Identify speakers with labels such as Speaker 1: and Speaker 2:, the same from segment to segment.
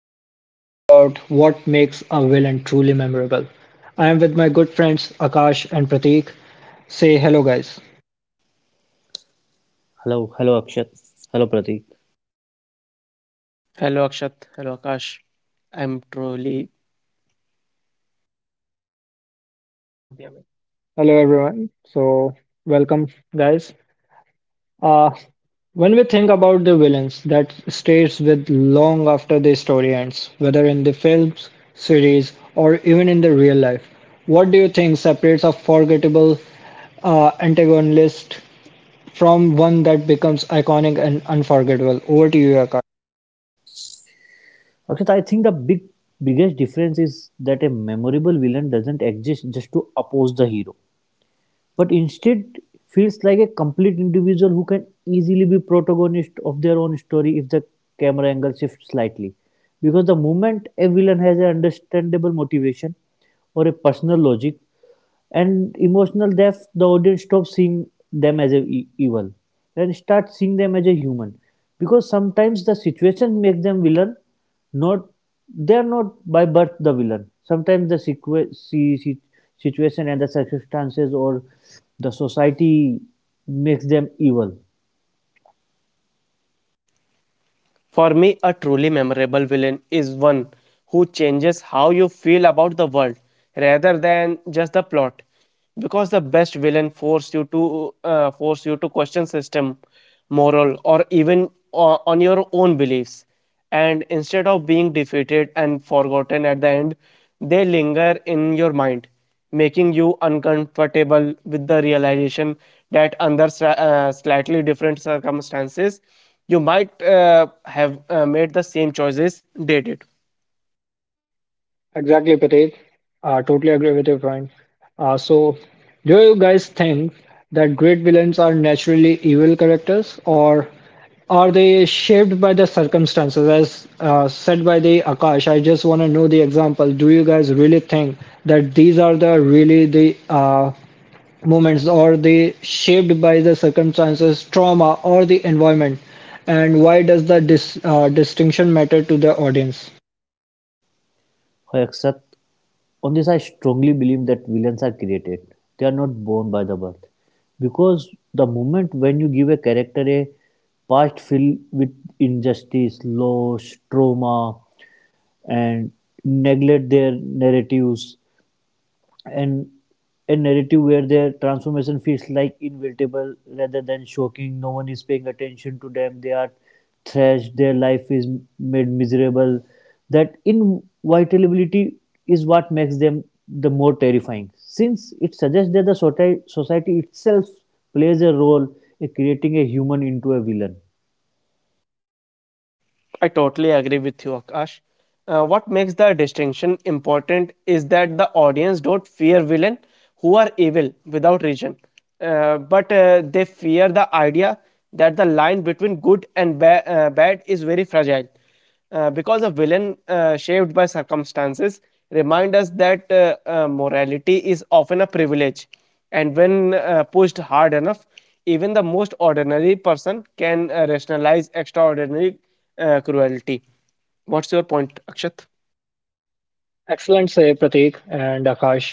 Speaker 1: we are discussing about what makes a villain truly memorable. I am with my good friends Akash and Prateek. Say hello, guys.
Speaker 2: Hello, hello Akshat. Hello Pratik.
Speaker 3: Hello Akshat, hello Akash. I'm truly,
Speaker 1: Hello, everyone. So, welcome, guys. Uh, when we think about the villains that stays with long after the story ends, whether in the films, series, or even in the real life, what do you think separates a forgettable antagonist from one that becomes iconic and unforgettable. Over to you, Akash.
Speaker 2: Akshat, I think the biggest difference is that a memorable villain doesn't exist just to oppose the hero, but instead feels like a complete individual who can easily be protagonist of their own story if the camera angle shifts slightly. Because the moment a villain has an understandable motivation or a personal logic and emotional depth, the audience stops seeing them as evil and starts seeing them as a human. Because sometimes the situation makes them villain, not they are not by birth the villain. Sometimes the situation and the circumstances or the society makes them evil.
Speaker 3: for me, a truly memorable villain is one who changes how you feel about the world rather than just the plot. Because the best villain force you to question system, moral, or even on your own beliefs. And instead of being defeated and forgotten at the end, they linger in your mind, making you uncomfortable with the realization that under slightly different circumstances, you might have made the same choices they did.
Speaker 1: Exactly, Prateek. Totally agree with your point. So, do you guys think that great villains are naturally evil characters, or are they shaped by the circumstances? As said by the Akash, I just want to know the example. Do you guys really think that these are the really the moments or they shaped by the circumstances trauma or the environment, and why does the distinction matter to the audience?
Speaker 2: Except on this, I strongly believe that villains are created. They are not born by the birth, because the moment when you give a character a past filled with injustice, loss, trauma, and neglect their narratives and a narrative where their transformation feels like inevitable rather than shocking. No one is paying attention to them. They are thrashed. Their life is made miserable. That inevitability is what makes them the more terrifying, since it suggests that the society itself plays a role in creating a human into a villain.
Speaker 3: I totally agree with you, Akash. What makes the distinction important is that the audience don't fear villain who are evil without reason, but they fear the idea that the line between good and bad is very fragile because a villain shaped by circumstances remind us that morality is often a privilege, and when pushed hard enough, even the most ordinary person can rationalize extraordinary cruelty. What's your point, Akshat?
Speaker 1: Excellent say Pratik and Akash,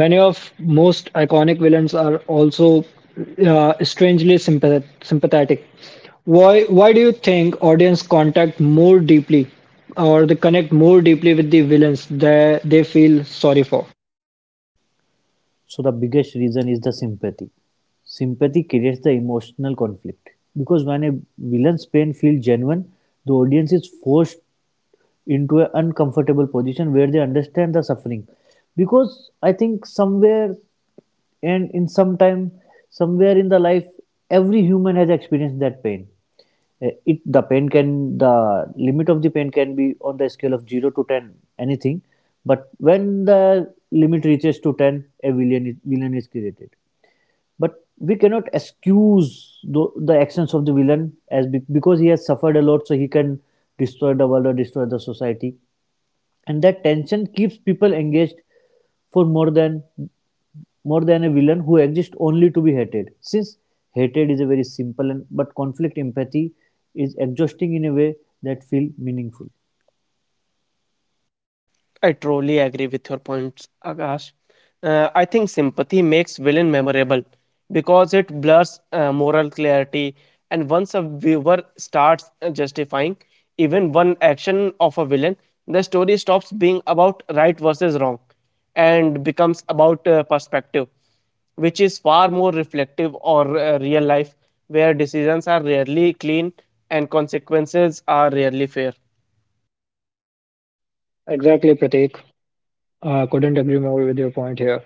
Speaker 1: many of most iconic villains are also strangely sympathetic. Why do you think audience contact more deeply, or they connect more deeply with the villains that they feel sorry for?
Speaker 2: So the biggest reason is the sympathy. Sympathy creates the emotional conflict because when a villain's pain feels genuine, the audience is forced into an uncomfortable position where they understand the suffering. Because I think somewhere and in some time somewhere in the life every human has experienced that pain. It the pain can the limit of the pain can be on the scale of 0 to 10 anything, but when the limit reaches to 10 a villain is created. But we cannot excuse the, the actions of the villain as because he has suffered a lot so he can destroy the world or destroy the society, and that tension keeps people engaged for more than a villain who exists only to be hated. Since hatred is a very simple and but conflict empathy is exhausting in a way that feel meaningful.
Speaker 3: I truly agree with your points, Akash. I think sympathy makes villain memorable because it blurs moral clarity, and once a viewer starts justifying even one action of a villain, the story stops being about right versus wrong and becomes about perspective, which is far more reflective or real life, where decisions are rarely clean and consequences are rarely fair.
Speaker 1: Exactly, Pratik. I couldn't agree more with your point here.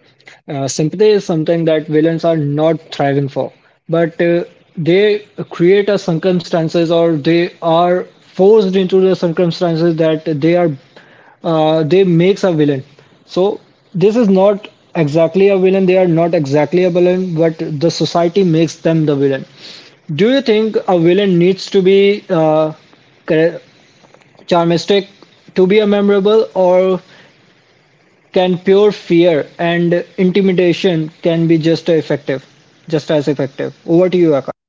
Speaker 1: Sympathy is something that villains are not thriving for, but they create a circumstances, or they are forced into the circumstances that they are they makes a villain. So this is not exactly a villain. They are not exactly a villain, but the society makes them the villain. Do you think a villain needs to be char- charmistic to be a memorable, or can pure fear and intimidation can be just effective, just as effective? Over to you, Akash.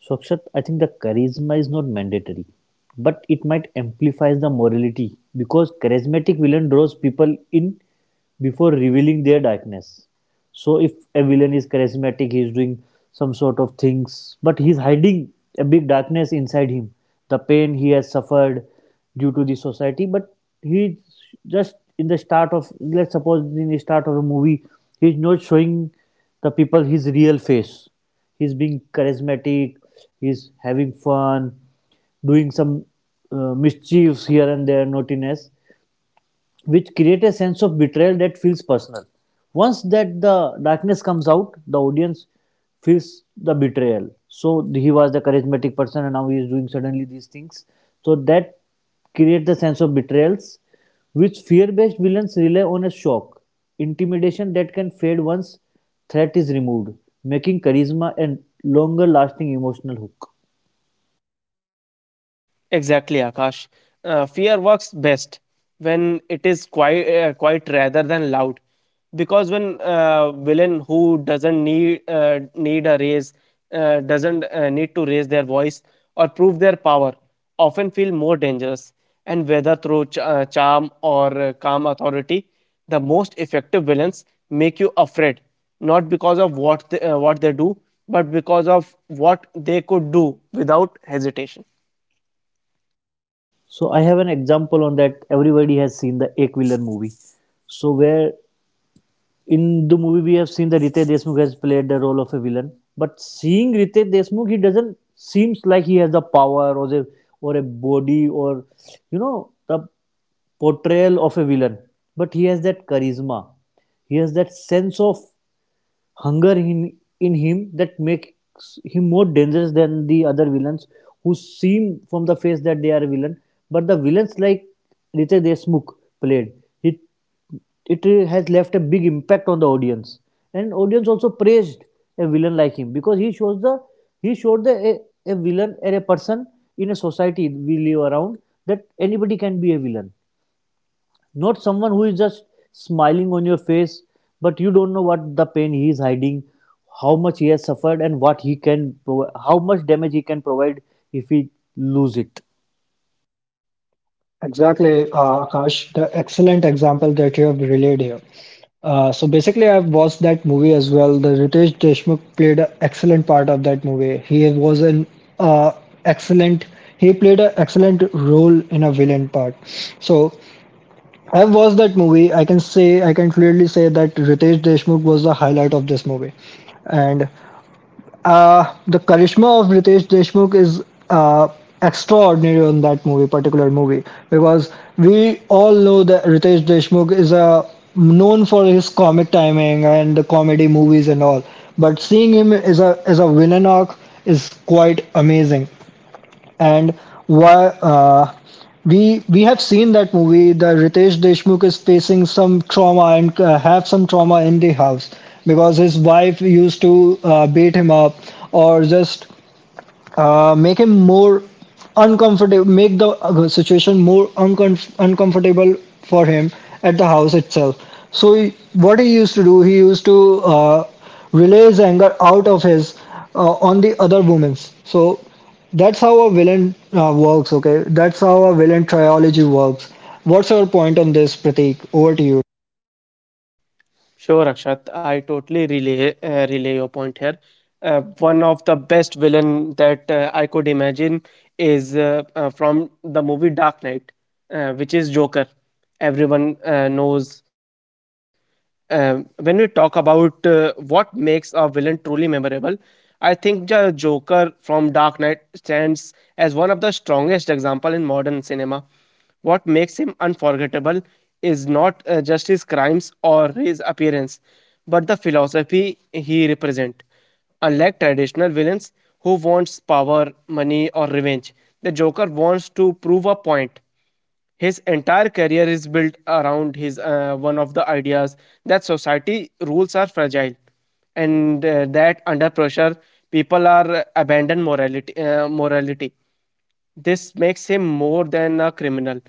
Speaker 2: So, Akshat, I think the charisma is not mandatory, but it might amplify the morality because charismatic villain draws people in before revealing their darkness. So, if a villain is charismatic, he is doing some sort of things, but he is hiding a big darkness inside him, the pain he has suffered due to the society. But he is just in the start of, let's suppose, in the start of a movie, he is not showing the people his real face. He's being charismatic, he's having fun, doing some mischiefs here and there, naughtiness which create a sense of betrayal that feels personal. Once that the darkness comes out, the audience feels the betrayal. So he was the charismatic person, and now he is doing suddenly these things. So that create the sense of betrayals, which fear-based villains rely on a shock, intimidation that can fade once threat is removed, making charisma a longer-lasting emotional hook.
Speaker 3: Exactly, Akash. Fear works best when it is quiet rather than loud. Because when villain who doesn't need a raise, doesn't need to raise their voice or prove their power, often feel more dangerous. And whether through charm or calm authority, the most effective villains make you afraid, not because of what they do, but because of what they could do without hesitation.
Speaker 2: So I have an example on that. Everybody has seen the Ek Villain movie. So where in the movie we have seen that Ritesh Deshmukh has played the role of a villain. But seeing Ritesh Deshmukh, he doesn't seems like he has the power or a body or you know the portrayal of a villain. But he has that charisma. He has that sense of hunger in him that makes him more dangerous than the other villains who seem from the face that they are a villain. But the villains like Richa Deshmukh played, it it has left a big impact on the audience and audience also praised a villain like him because he showed the a villain or a person in a society we live around that anybody can be a villain, not someone who is just smiling on your face, but you don't know what the pain he is hiding, how much he has suffered, and what he can, how much damage he can provide if he lose it.
Speaker 1: Exactly, Akash. The excellent example that you have relayed here. So basically, I've watched that movie as well. The Ritesh Deshmukh played an excellent part of that movie. He was an uh, excellent. He played an excellent role in a villain part. So I've watched that movie. I can say, I can clearly say that Ritesh Deshmukh was the highlight of this movie, and the charisma of Ritesh Deshmukh is uh, extraordinary on that movie, particular movie, because we all know that Ritesh Deshmukh is a known for his comic timing and the comedy movies and all. But seeing him as a villain arc is quite amazing. And why we have seen that movie that Ritesh Deshmukh is facing some trauma and have some trauma in the house, because his wife used to beat him up, or just make him more uncomfortable, make the situation more uncomf- uncomfortable for him at the house itself. So he, what he used to do, he used to relay his anger out of his on the other women's. So that's how a villain works, okay, that's how a villain trilogy works. What's your point on this, Pratik? Over to you.
Speaker 3: Sure, Akshat. I totally relay your point here. One of the best villain that I could imagine is from the movie Dark Knight, which is Joker. Everyone knows. When we talk about what makes a villain truly memorable, I think the Joker from Dark Knight stands as one of the strongest example in modern cinema. What makes him unforgettable is not just his crimes or his appearance, but the philosophy he represents. Unlike traditional villains who wants power, money, or revenge, the Joker wants to prove a point. His entire career is built around his one of the ideas that society rules are fragile and that under pressure people are abandon morality. This makes him more than a criminal.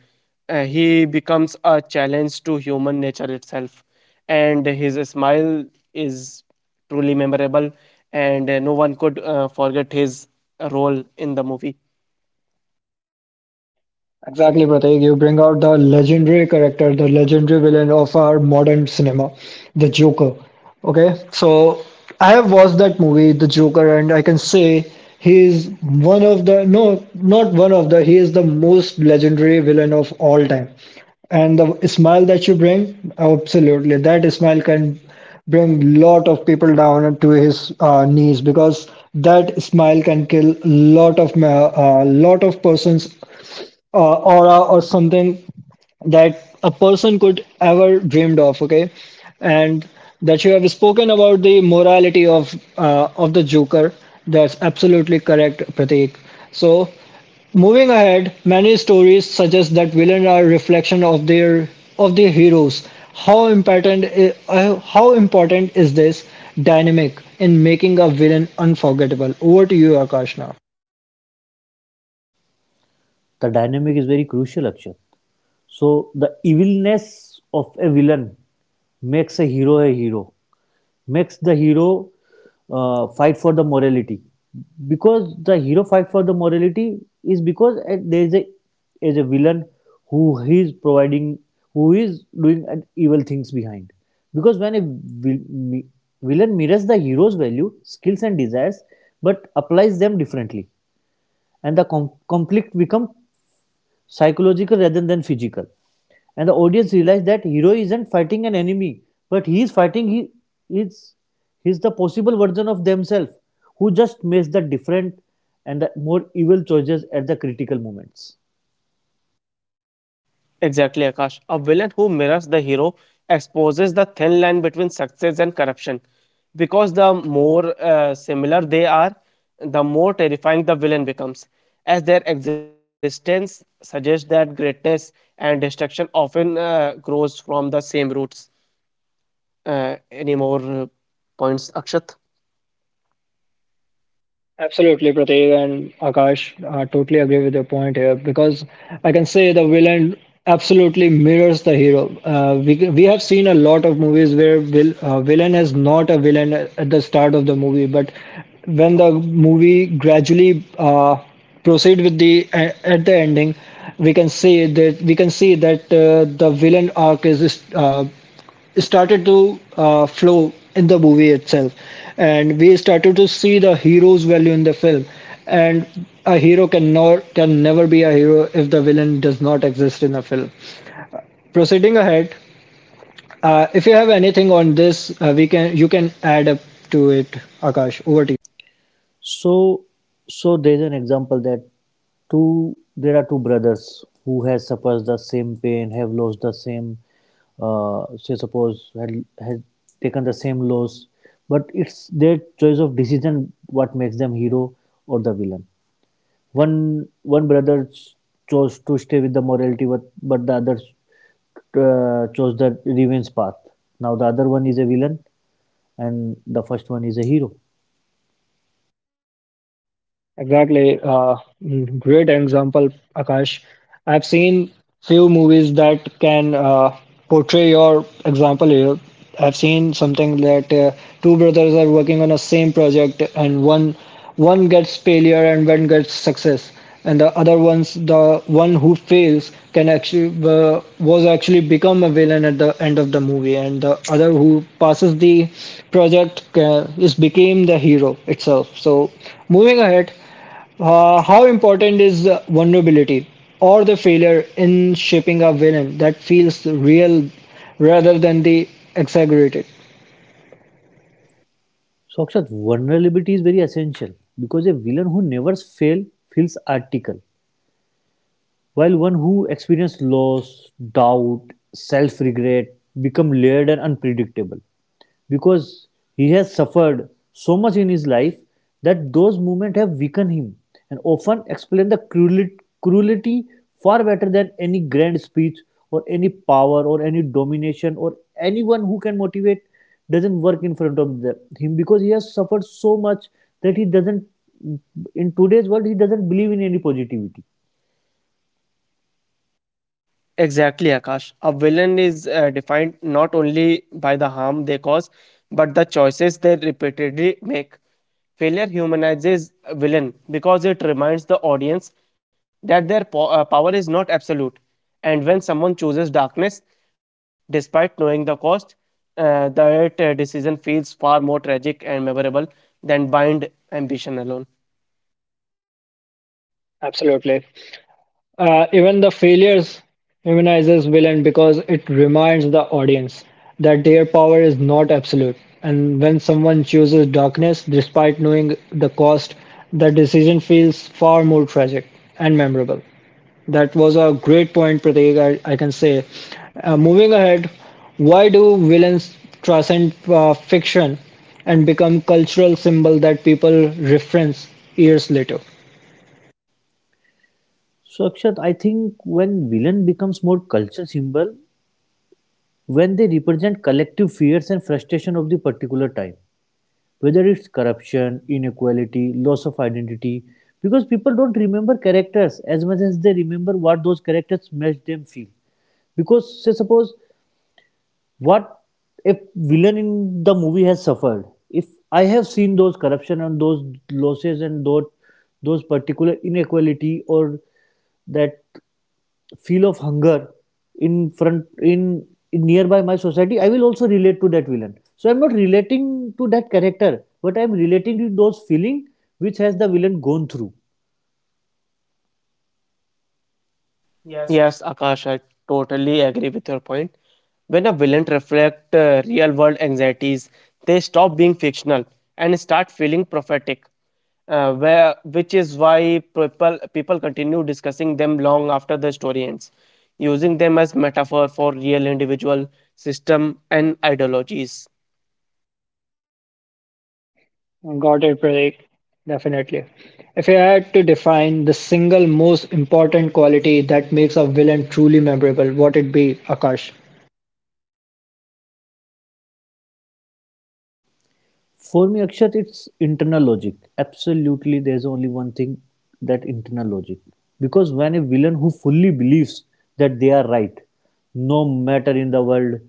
Speaker 3: He becomes a challenge to human nature itself. And his smile is truly memorable, and no one could forget his role in the movie.
Speaker 1: Exactly, Pratik. You bring out the legendary character, the legendary villain of our modern cinema, the Joker. Okay, so I have watched that movie, The Joker, and I can say he is one of the, no, not one of the, he is the most legendary villain of all time. And the smile that you bring, absolutely, that smile can bring lot of people down to his knees, because that smile can kill lot of lot of persons aura or something that a person could ever dreamed of, okay. And that you have spoken about the morality of the Joker, that's absolutely correct, Pratik. So moving ahead, many stories suggest that villains are reflection of their heroes. How important is this dynamic in making a villain unforgettable? Over to you, Akash, now.
Speaker 2: The dynamic is very crucial, Akshat. So the evilness of a villain makes a hero, makes the hero fight for the morality. Because the hero fight for the morality is because there is a villain who is providing who is doing an evil things behind. Because when a villain mirrors the hero's value, skills, and desires, but applies them differently, and the conflict become psychological rather than physical. And the audience realized that hero isn't fighting an enemy, but he is fighting he is he's the possible version of themselves who just makes the different and the more evil choices at the critical moments.
Speaker 3: Exactly, Akash. A villain who mirrors the hero exposes the thin line between success and corruption. Because the more similar they are, the more terrifying the villain becomes, as their existence suggests that greatness and destruction often grows from the same roots. Any more points, Akshat?
Speaker 1: Absolutely, Prateek and Akash, I totally agree with your point here, because I can say the villain absolutely mirrors the hero. We have seen a lot of movies where villain is not a villain at the start of the movie, but when the movie gradually proceed with the at the ending, we can see that, we can see that the villain arc is started to flow in the movie itself, and we started to see the hero's value in the film. And a hero can, nor can never be a hero if the villain does not exist in a film. Proceeding ahead, if you have anything on this, we can you can add up to it. Akash, over to you.
Speaker 2: So, so there's an example that two there are two brothers who has suffers the same pain, have lost the same, say suppose had taken the same loss, but it's their choice of decision what makes them hero or the villain. One brother chose to stay with the morality, but the other chose the revenge path. Now the other one is a villain, and the first one is a hero.
Speaker 1: Exactly. Great example, Akash. I've seen few movies that can portray your example here. I've seen something that two brothers are working on a same project, and one gets failure and one gets success, and the other one's the one who fails can actually was actually become a villain at the end of the movie, and the other who passes the project is became the hero itself. So moving ahead. How important is the vulnerability or the failure in shaping a villain that feels real rather than the exaggerated?
Speaker 2: Sakshat, vulnerability is very essential because a villain who never fails feels article, while one who experiences loss, doubt, self regret become layered and unpredictable because he has suffered so much in his life that those moments have weakened him and often explain the cruelty far better than any grand speech or any power or any domination or anyone who can motivate doesn't work in front of the- him because he has suffered so much that he doesn't in today's world he doesn't believe in any positivity.
Speaker 3: Exactly, Akash. A villain is defined not only by the harm they cause, but the choices they repeatedly make. Failure humanizes a villain because it reminds the audience that their power is not absolute. And when someone chooses darkness, despite knowing the cost, that decision feels far more tragic and memorable than blind ambition alone.
Speaker 1: Absolutely. Even the failures humanizes villain, because it reminds the audience that their power is not absolute. And when someone chooses darkness despite knowing the cost, the decision feels far more tragic and memorable. That was a great point, Pratik, I can say. Moving ahead, why do villains transcend fiction and become cultural symbol that people reference years later?
Speaker 2: So, Akshat, I think when villain becomes more culture symbol, when they represent collective fears and frustration of the particular time, whether it's corruption, inequality, loss of identity, because people don't remember characters as much as they remember what those characters made them feel. Because say suppose what if villain in the movie has suffered, if I have seen those corruption and those losses and those particular inequality or that feel of hunger in front in, in nearby my society, I will also relate to that villain, so I'm not relating to that character but I'm relating to those feeling which has the villain gone through.
Speaker 3: Yes, Akash, I totally agree with your point. When a villain reflect real world anxieties, they stop being fictional and start feeling prophetic. Where which is why people continue discussing them long after the story ends, using them as metaphor for real individual, system, and ideologies.
Speaker 1: Got it, Pratik. Definitely. If I had to define the single most important quality that makes a villain truly memorable, what it be, Akash?
Speaker 2: For me, Akshat, it's internal logic. Absolutely, there's only one thing, that internal logic. Because when a villain who fully believes that they are right, no matter in the world,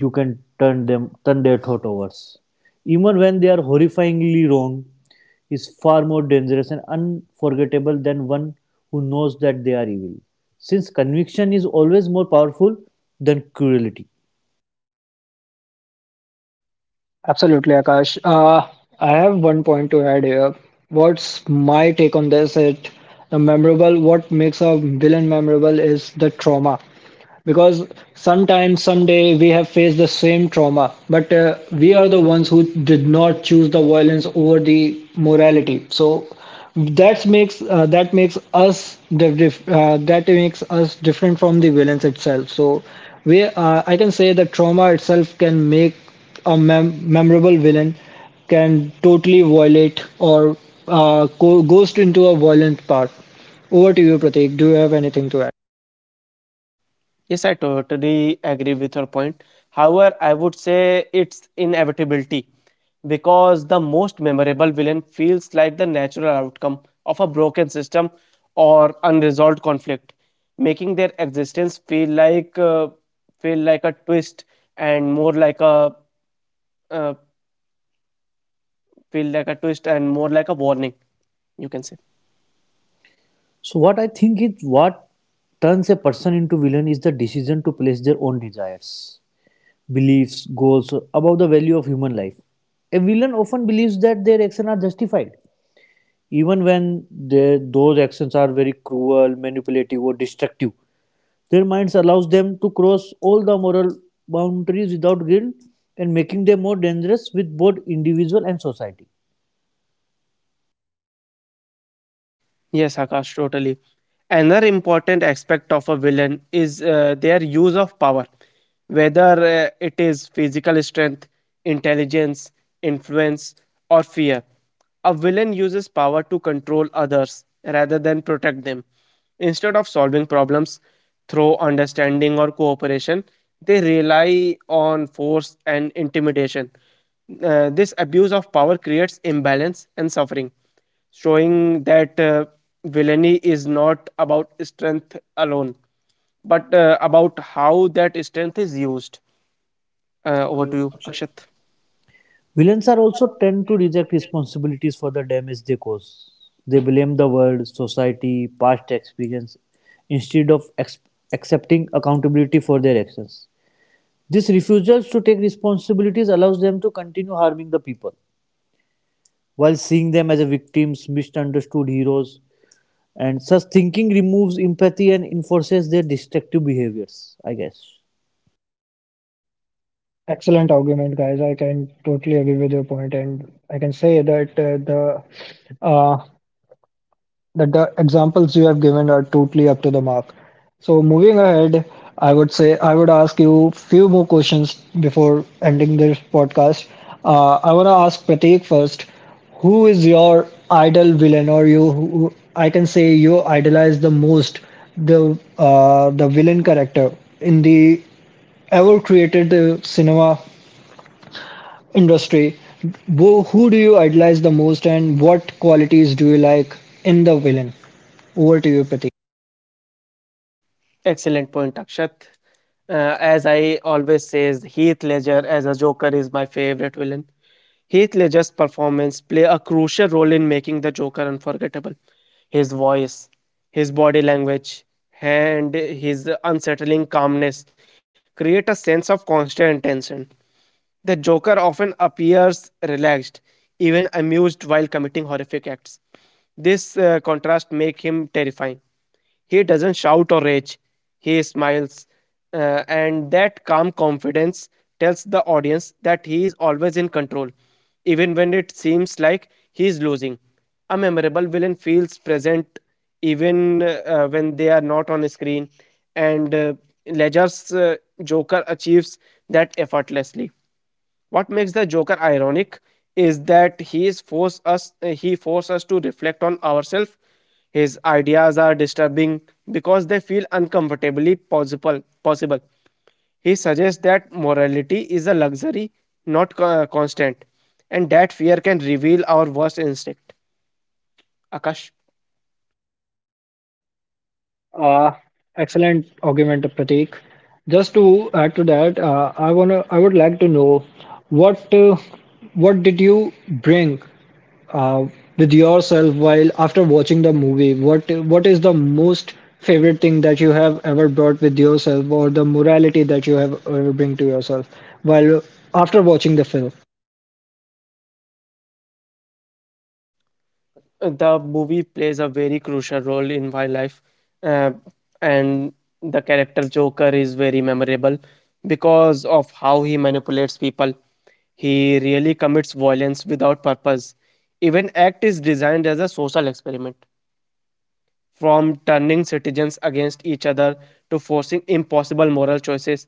Speaker 2: you can turn their thought overs. Even when they are horrifyingly wrong, is far more dangerous and unforgettable than one who knows that they are evil. Since conviction is always more powerful than cruelty.
Speaker 1: Absolutely, Akash. I have one point to add here. What's my take on this? It the memorable. What makes a villain memorable is the trauma, because sometimes someday we have faced the same trauma, but we are the ones who did not choose the violence over the morality. So that makes us that makes us different from the violence itself. So we I can say that trauma itself can make a memorable villain, can totally violate or goes into a violent part. Over to you, Pratik. Do you have anything to add?
Speaker 3: Yes, I totally agree with your point. However, I would say it's inevitability because the most memorable villain feels like the natural outcome of a broken system or unresolved conflict, making their existence feel like a twist and more like a uh, feel like a twist and more like a warning, you can say.
Speaker 2: So what I think is what turns a person into villain is the decision to place their own desires, beliefs, goals above the value of human life. A villain often believes that their actions are justified, even when those actions are very cruel, manipulative, or destructive. Their minds allows them to cross all the moral boundaries without guilt and making them more dangerous with both individual and society.
Speaker 3: Yes, Akash, totally. Another important aspect of a villain is their use of power, whether it is physical strength, intelligence, influence, or fear. A villain uses power to control others rather than protect them. Instead of solving problems through understanding or cooperation, they rely on force and intimidation. This abuse of power creates imbalance and suffering, showing that villainy is not about strength alone, but about how that strength is used. Over to you, Akshat.
Speaker 2: Villains are also tend to reject responsibilities for the damage they cause. They blame the world, society, past experience, instead of accepting accountability for their actions. This refusal to take responsibilities allows them to continue harming the people, while seeing them as a victims, misunderstood heroes, and such thinking removes empathy and enforces their destructive behaviors, I guess.
Speaker 1: Excellent argument, guys. I can totally agree with your point, and I can say that the uh, that the examples you have given are totally up to the mark. So moving ahead, I would ask you few more questions before ending this podcast. I want to ask Prateek first. Who is your idol villain, or you? Who, I can say, you idolize the most, the villain character in the ever created cinema industry, who do you idolize the most, and what qualities do you like in the villain? Over to you, Prateek.
Speaker 3: Excellent point, Akshat. As I always says, Heath Ledger as a Joker is my favorite villain. Heath Ledger's performance play a crucial role in making the Joker unforgettable. His voice, his body language, and his unsettling calmness create a sense of constant tension. The Joker often appears relaxed, even amused while committing horrific acts. This contrast make him terrifying. He doesn't shout or rage, he smiles, and that calm confidence tells the audience that he is always in control, even when it seems like he is losing. A memorable villain feels present even when they are not on screen, and Ledger's Joker achieves that effortlessly. What makes the Joker ironic is that he forces us to reflect on ourselves. His ideas are disturbing because they feel uncomfortably possible. He suggests that morality is a luxury, not constant, and that fear can reveal our worst instinct. Akash.
Speaker 1: Uh, Excellent argument, Prateek. Just to add to that, I would like to know what uh, what did you bring uh, with yourself while after watching the movie? What is the most favorite thing that you have ever brought with yourself, or the morality that you have ever bring to yourself while after watching the film?
Speaker 3: The movie plays a very crucial role in my life, uh, and the character Joker is very memorable because of how he manipulates people. He really commits violence without purpose. Even act is designed as a social experiment, from turning citizens against each other to forcing impossible moral choices.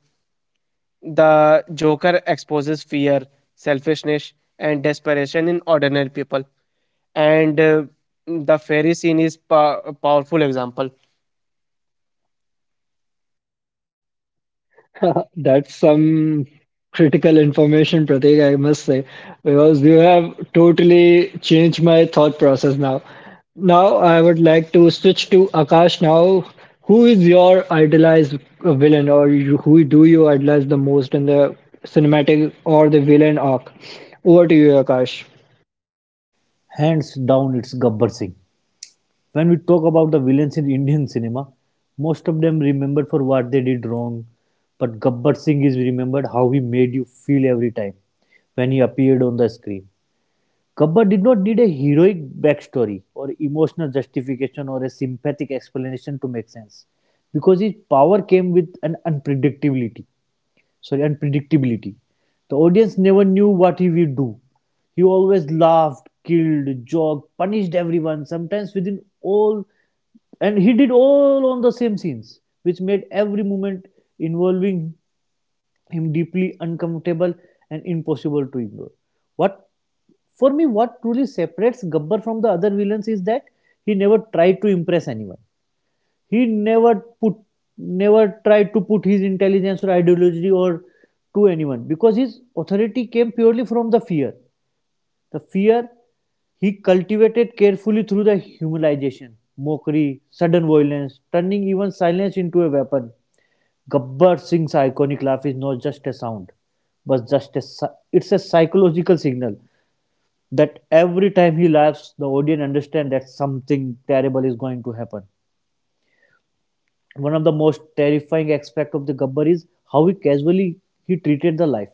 Speaker 3: The Joker exposes fear, selfishness, and desperation in ordinary people. And the fairy scene is a powerful example.
Speaker 1: That's some critical information, Pratik, I must say, because you have totally changed my thought process now. Now, I would like to switch to Akash now. Who is your idolized villain, or you, who do you idolize the most in the cinematic or the villain arc? Over to you, Akash.
Speaker 2: Hands down, it's Gabbar Singh. When we talk about the villains in Indian cinema, most of them remembered for what they did wrong, but Gabbar Singh is remembered how he made you feel every time when he appeared on the screen. Gabbar did not need a heroic backstory or emotional justification or a sympathetic explanation to make sense because his power came with an unpredictability. The audience never knew what he would do. He always laughed, killed, joked, punished everyone, sometimes within all, and he did all on the same scenes, which made every moment involving him deeply uncomfortable and impossible to ignore. What for me, what truly separates Gabbar from the other villains is that he never tried to impress anyone. He put, never tried to put his intelligence or ideology or to anyone because his authority came purely from the fear. The fear he cultivated carefully through the humanization, mockery, sudden violence, turning even silence into a weapon. Gabbar Singh's iconic laugh is not just a sound, but it's a psychological signal that every time he laughs, the audience understand that something terrible is going to happen. One of the most terrifying aspect of the Gabbar is how he casually he treated the life,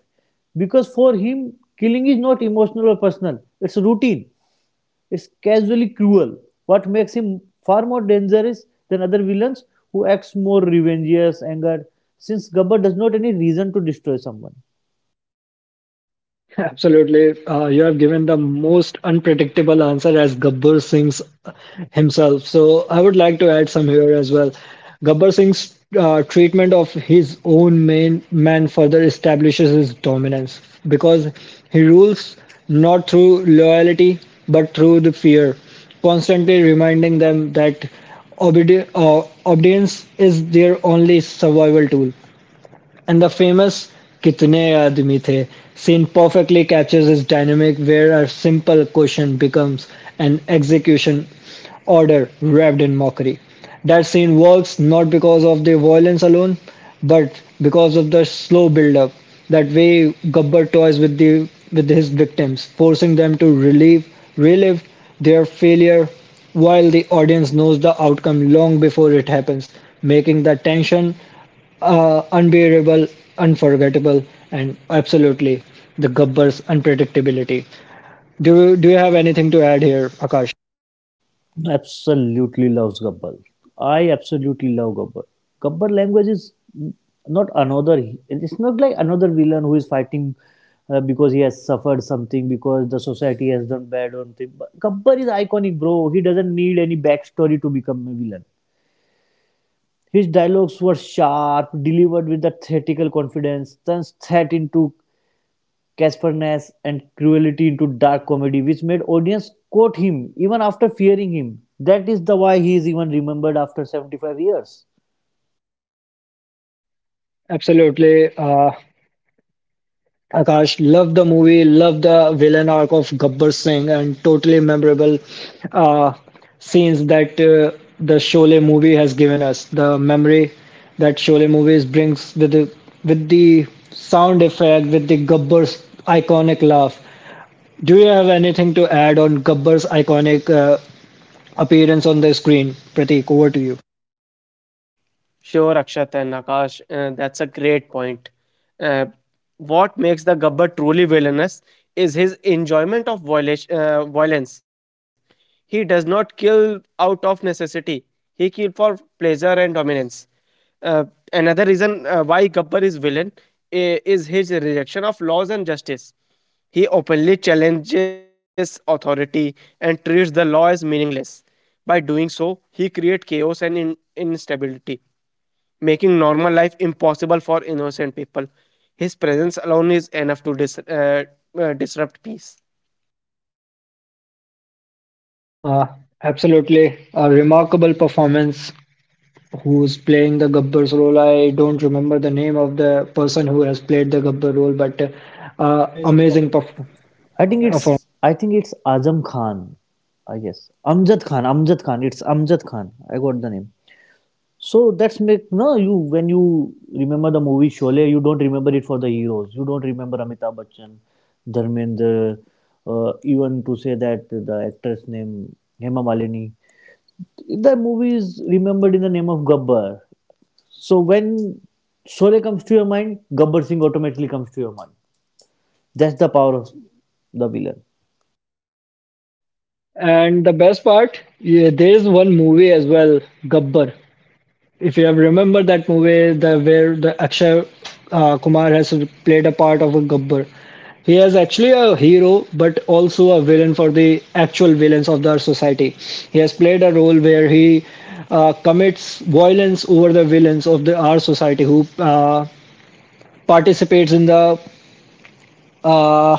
Speaker 2: because for him killing is not emotional or personal, it's routine, it's casually cruel. What makes him far more dangerous than other villains who acts more revengous anger, since Gabbar does not any reason to destroy someone.
Speaker 1: Absolutely. You have given the most unpredictable answer as Gabbar Singh's himself. So I would like to add some here as well. Gabbar Singh's treatment of his own main man further establishes his dominance, because he rules not through loyalty but through the fear, constantly reminding them that obedience is their only survival tool. And the famous Kitne Aadmi The scene perfectly captures this dynamic, where a simple question becomes an execution order wrapped in mockery. That scene works not because of the violence alone, but because of the slow build-up. That way, Gabbar toys with the with his victims, forcing them to relive their failure, while the audience knows the outcome long before it happens, making the tension unbearable, unforgettable, and absolutely the Gabbar's unpredictability. Do you have anything to add here, Akash?
Speaker 2: Absolutely loves Gabbar. I absolutely love Gabbar. Gabbar language is not another. It's not like another villain who is fighting because he has suffered something because the society has done bad or something. But Gabbar is iconic, bro. He doesn't need any backstory to become a villain. His dialogues were sharp, delivered with the theatrical confidence, then set into catchfulness and cruelty into dark comedy, which made audience quote him even after fearing him. That is the why he is even remembered after 75 years.
Speaker 1: Absolutely, Akash. Love the movie. Love the villain arc of Gabbar Singh, and totally memorable uh, scenes that the Sholay movie has given us. The memory that Sholay movies brings with the sound effect, with the Gabbar's iconic laugh, do you have anything to add on Gabbar's iconic appearance on the screen? Pratik, over to you.
Speaker 3: Sure, Akshat and Akash, that's a great point. Uh, what makes the Gabbar truly villainous is his enjoyment of violence. He does not kill out of necessity, he kills for pleasure and dominance. Uh, another reason why Gabbar is villain is his rejection of laws and justice. He openly challenges authority and treats the law as meaningless. By doing so, he creates chaos and instability, making normal life impossible for innocent people. His presence alone is enough to disrupt peace.
Speaker 1: Uh, Absolutely. A remarkable performance. Who's playing the Gabbar's role? I don't remember the name of the person who has played the Gabbar role, but uh,
Speaker 2: Amazing perf-
Speaker 1: amazing perf- performance.
Speaker 2: I think it's Azam Khan. I guess Amjad Khan. Amjad Khan. It's Amjad Khan. I got the name. So that's make no you when you remember the movie Sholay, you don't remember it for the heroes. You don't remember Amitabh Bachchan, Dharmendra, even to say that the actress name Hema Malini. That movie is remembered in the name of Gabbar. So when Sole comes to your mind, Gabbar Singh automatically comes to your mind. That's the power of the villain.
Speaker 1: And the best part, yeah, there is one movie as well, Gabbar, if you have remembered that movie, the where the Akshay Kumar has played a part of a Gabbar. He is actually a hero, but also a villain for the actual villains of our society. He has played a role where he commits violence over the villains of the our society, who participates in the uh,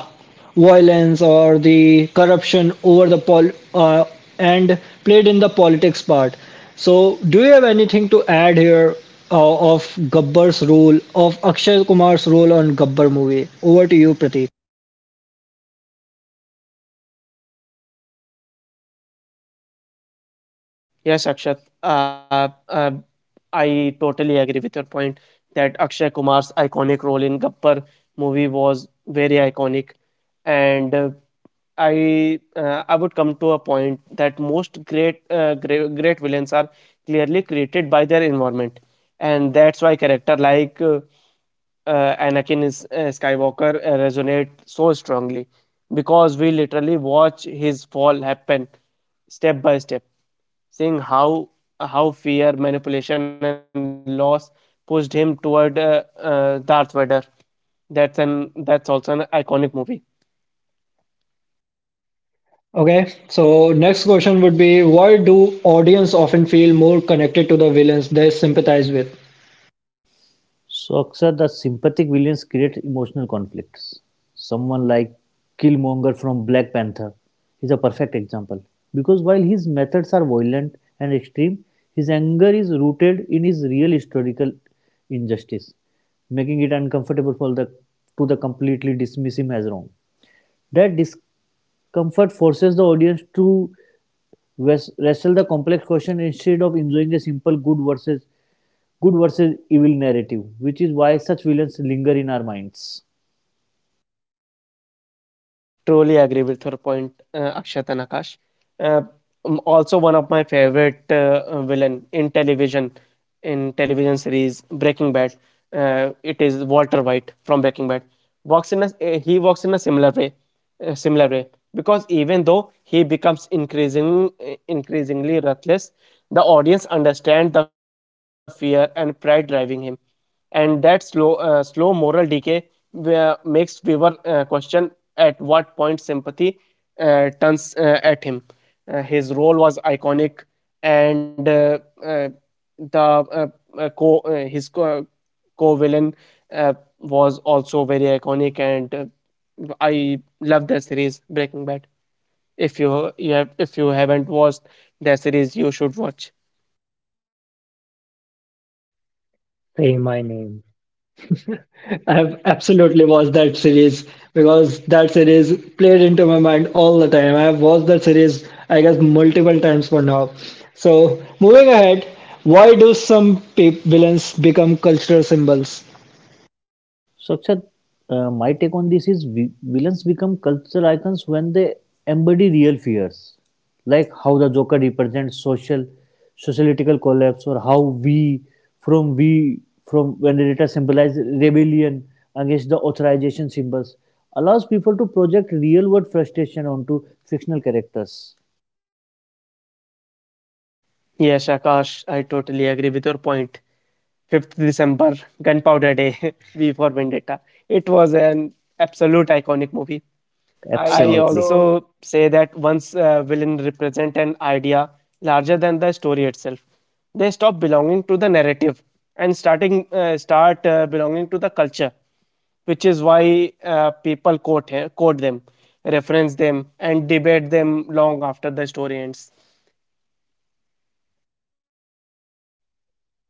Speaker 1: violence or the corruption over the pol and played in the politics part. So, do you have anything to add here of Gabbar's role, of Akshay Kumar's role on Gabbar movie? Over to you, Prateek.
Speaker 3: Yes, Akshat. I totally agree with your point that Akshay Kumar's iconic role in Gappar movie was very iconic, and I would come to a point that most great villains are clearly created by their environment, and that's why character like Anakin Skywalker resonate so strongly because we literally watch his fall happen step by step, seeing how fear, manipulation, and loss pushed him toward Darth Vader. That's also an iconic movie.
Speaker 1: Okay, so next question would be, why do audience often feel more connected to the villains they sympathize with?
Speaker 2: So Aksar, the sympathetic villains create emotional conflicts. Someone like Killmonger from Black Panther is a perfect example. Because while his methods are violent and extreme, his anger is rooted in his real historical injustice, making it uncomfortable for the to the completely dismiss him as wrong. That Comfort forces the audience to wrestle the complex question instead of enjoying a simple good versus evil narrative, which is why such villains linger in our minds.
Speaker 3: Truly agree with your point, Akshat and Akash. Uh, Also, one of my favorite villain in television series Breaking Bad, it is Walter White from Breaking Bad. He walks in a similar way because even though he becomes increasingly reckless, the audience understand the fear and pride driving him, and that slow moral decay where makes Weaver question at what point sympathy turns at him. His role was iconic, and uh, the co his co co-villain uh, was also very iconic, and I love the series Breaking Bad. If you haven't watched the series, you should watch.
Speaker 1: Say my name. I've absolutely watched that series, because that series played into my mind all the time. I've watched that series, I guess, multiple times for now. So, moving ahead, why do some villains become cultural symbols?
Speaker 2: So, Akshat, my take on this is villains become cultural icons when they embody real fears, like how the Joker represents social, sociological collapse, or how we, from we, from Vendetta symbolize rebellion against the authorization symbols, allows people to project real world frustration onto fictional characters.
Speaker 3: Yes, Akash, I totally agree with your point. 5th December, Gunpowder Day, V for Vendetta. It was an absolute iconic movie.
Speaker 2: I
Speaker 3: I
Speaker 2: Absolutely. Also
Speaker 3: also say that once villain represent an idea larger than the story itself, they stop belonging to the narrative and start belonging to the culture, which is why people quote them, reference them, and debate them long after the story ends.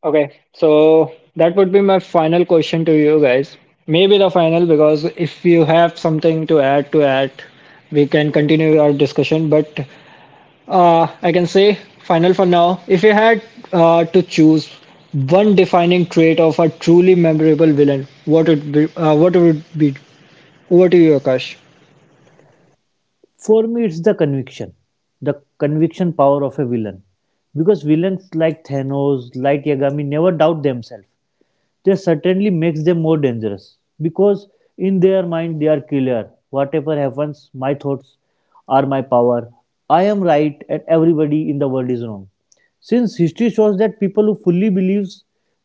Speaker 1: Okay, so that would be my final question to you guys. Maybe the final, because if you have something to add to that, we can continue our discussion. But I can say final for now. If you had to choose one defining trait of a truly memorable villain, what would it be? Over to you, Akash.
Speaker 2: For me, it's the conviction power of a villain. Because villains like Thanos, like Yagami never doubt themselves. This certainly makes them more dangerous because in their mind they are clear. Whatever happens, my thoughts are my power. I am right, and everybody in the world is wrong. Since history shows that people who fully believe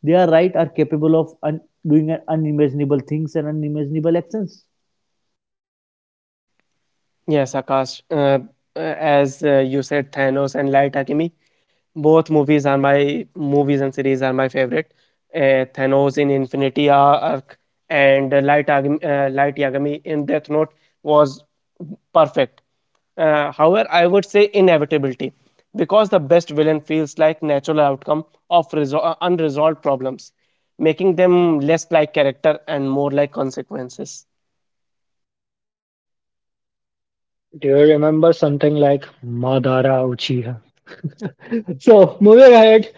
Speaker 2: they are right are capable of doing unimaginable things and unimaginable actions.
Speaker 3: Yes, Akash. As you said, Thanos and Light Akemi, both movies are my movies and series are my favorite. Thanos in Infinity Arc and Light Yagami in Death Note was perfect. However, I would say inevitability because the best villain feels like natural outcome of unresolved problems, making them less like character and more like consequences.
Speaker 1: Do you remember something like Madara Uchiha? So moving ahead,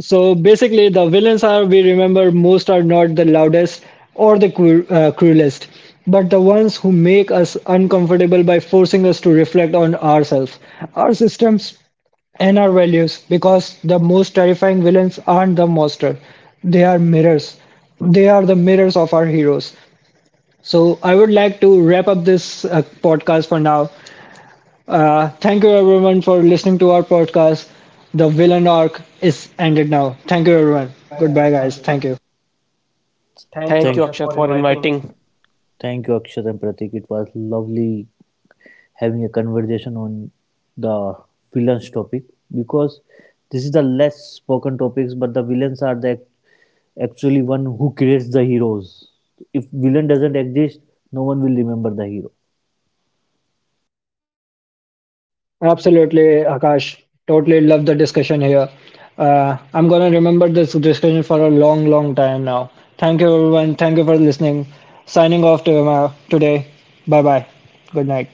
Speaker 1: so basically the villains are we remember most are not the loudest or the cruelest, but the ones who make us uncomfortable by forcing us to reflect on ourselves, our systems, and our values. Because the most terrifying villains aren't the monster; they are mirrors. They are the mirrors of our heroes. So I would like to wrap up this podcast for now. Thank you everyone for listening to our podcast. The villain arc is ended now. Thank you everyone.
Speaker 2: Goodbye,
Speaker 1: Goodbye,
Speaker 2: guys. Thank
Speaker 1: guys.
Speaker 2: you.
Speaker 1: Thank you.
Speaker 2: Thank you,
Speaker 3: Thank you,
Speaker 2: Thank you. Akshay,
Speaker 3: Akshat,
Speaker 2: for
Speaker 3: for
Speaker 2: inviting.
Speaker 3: inviting
Speaker 2: Thank you, Akshat and Pratik. It was lovely having a conversation on the villains topic because this is the less spoken topics, but the villains are the actually one who creates the heroes. If villain doesn't exist, no one will remember the hero.
Speaker 1: Absolutely, Akash. Totally love the discussion here. I'm gonna remember this discussion for a long, long time now. Thank you everyone. Thank you for listening. Signing off to, today. Bye bye. Good night.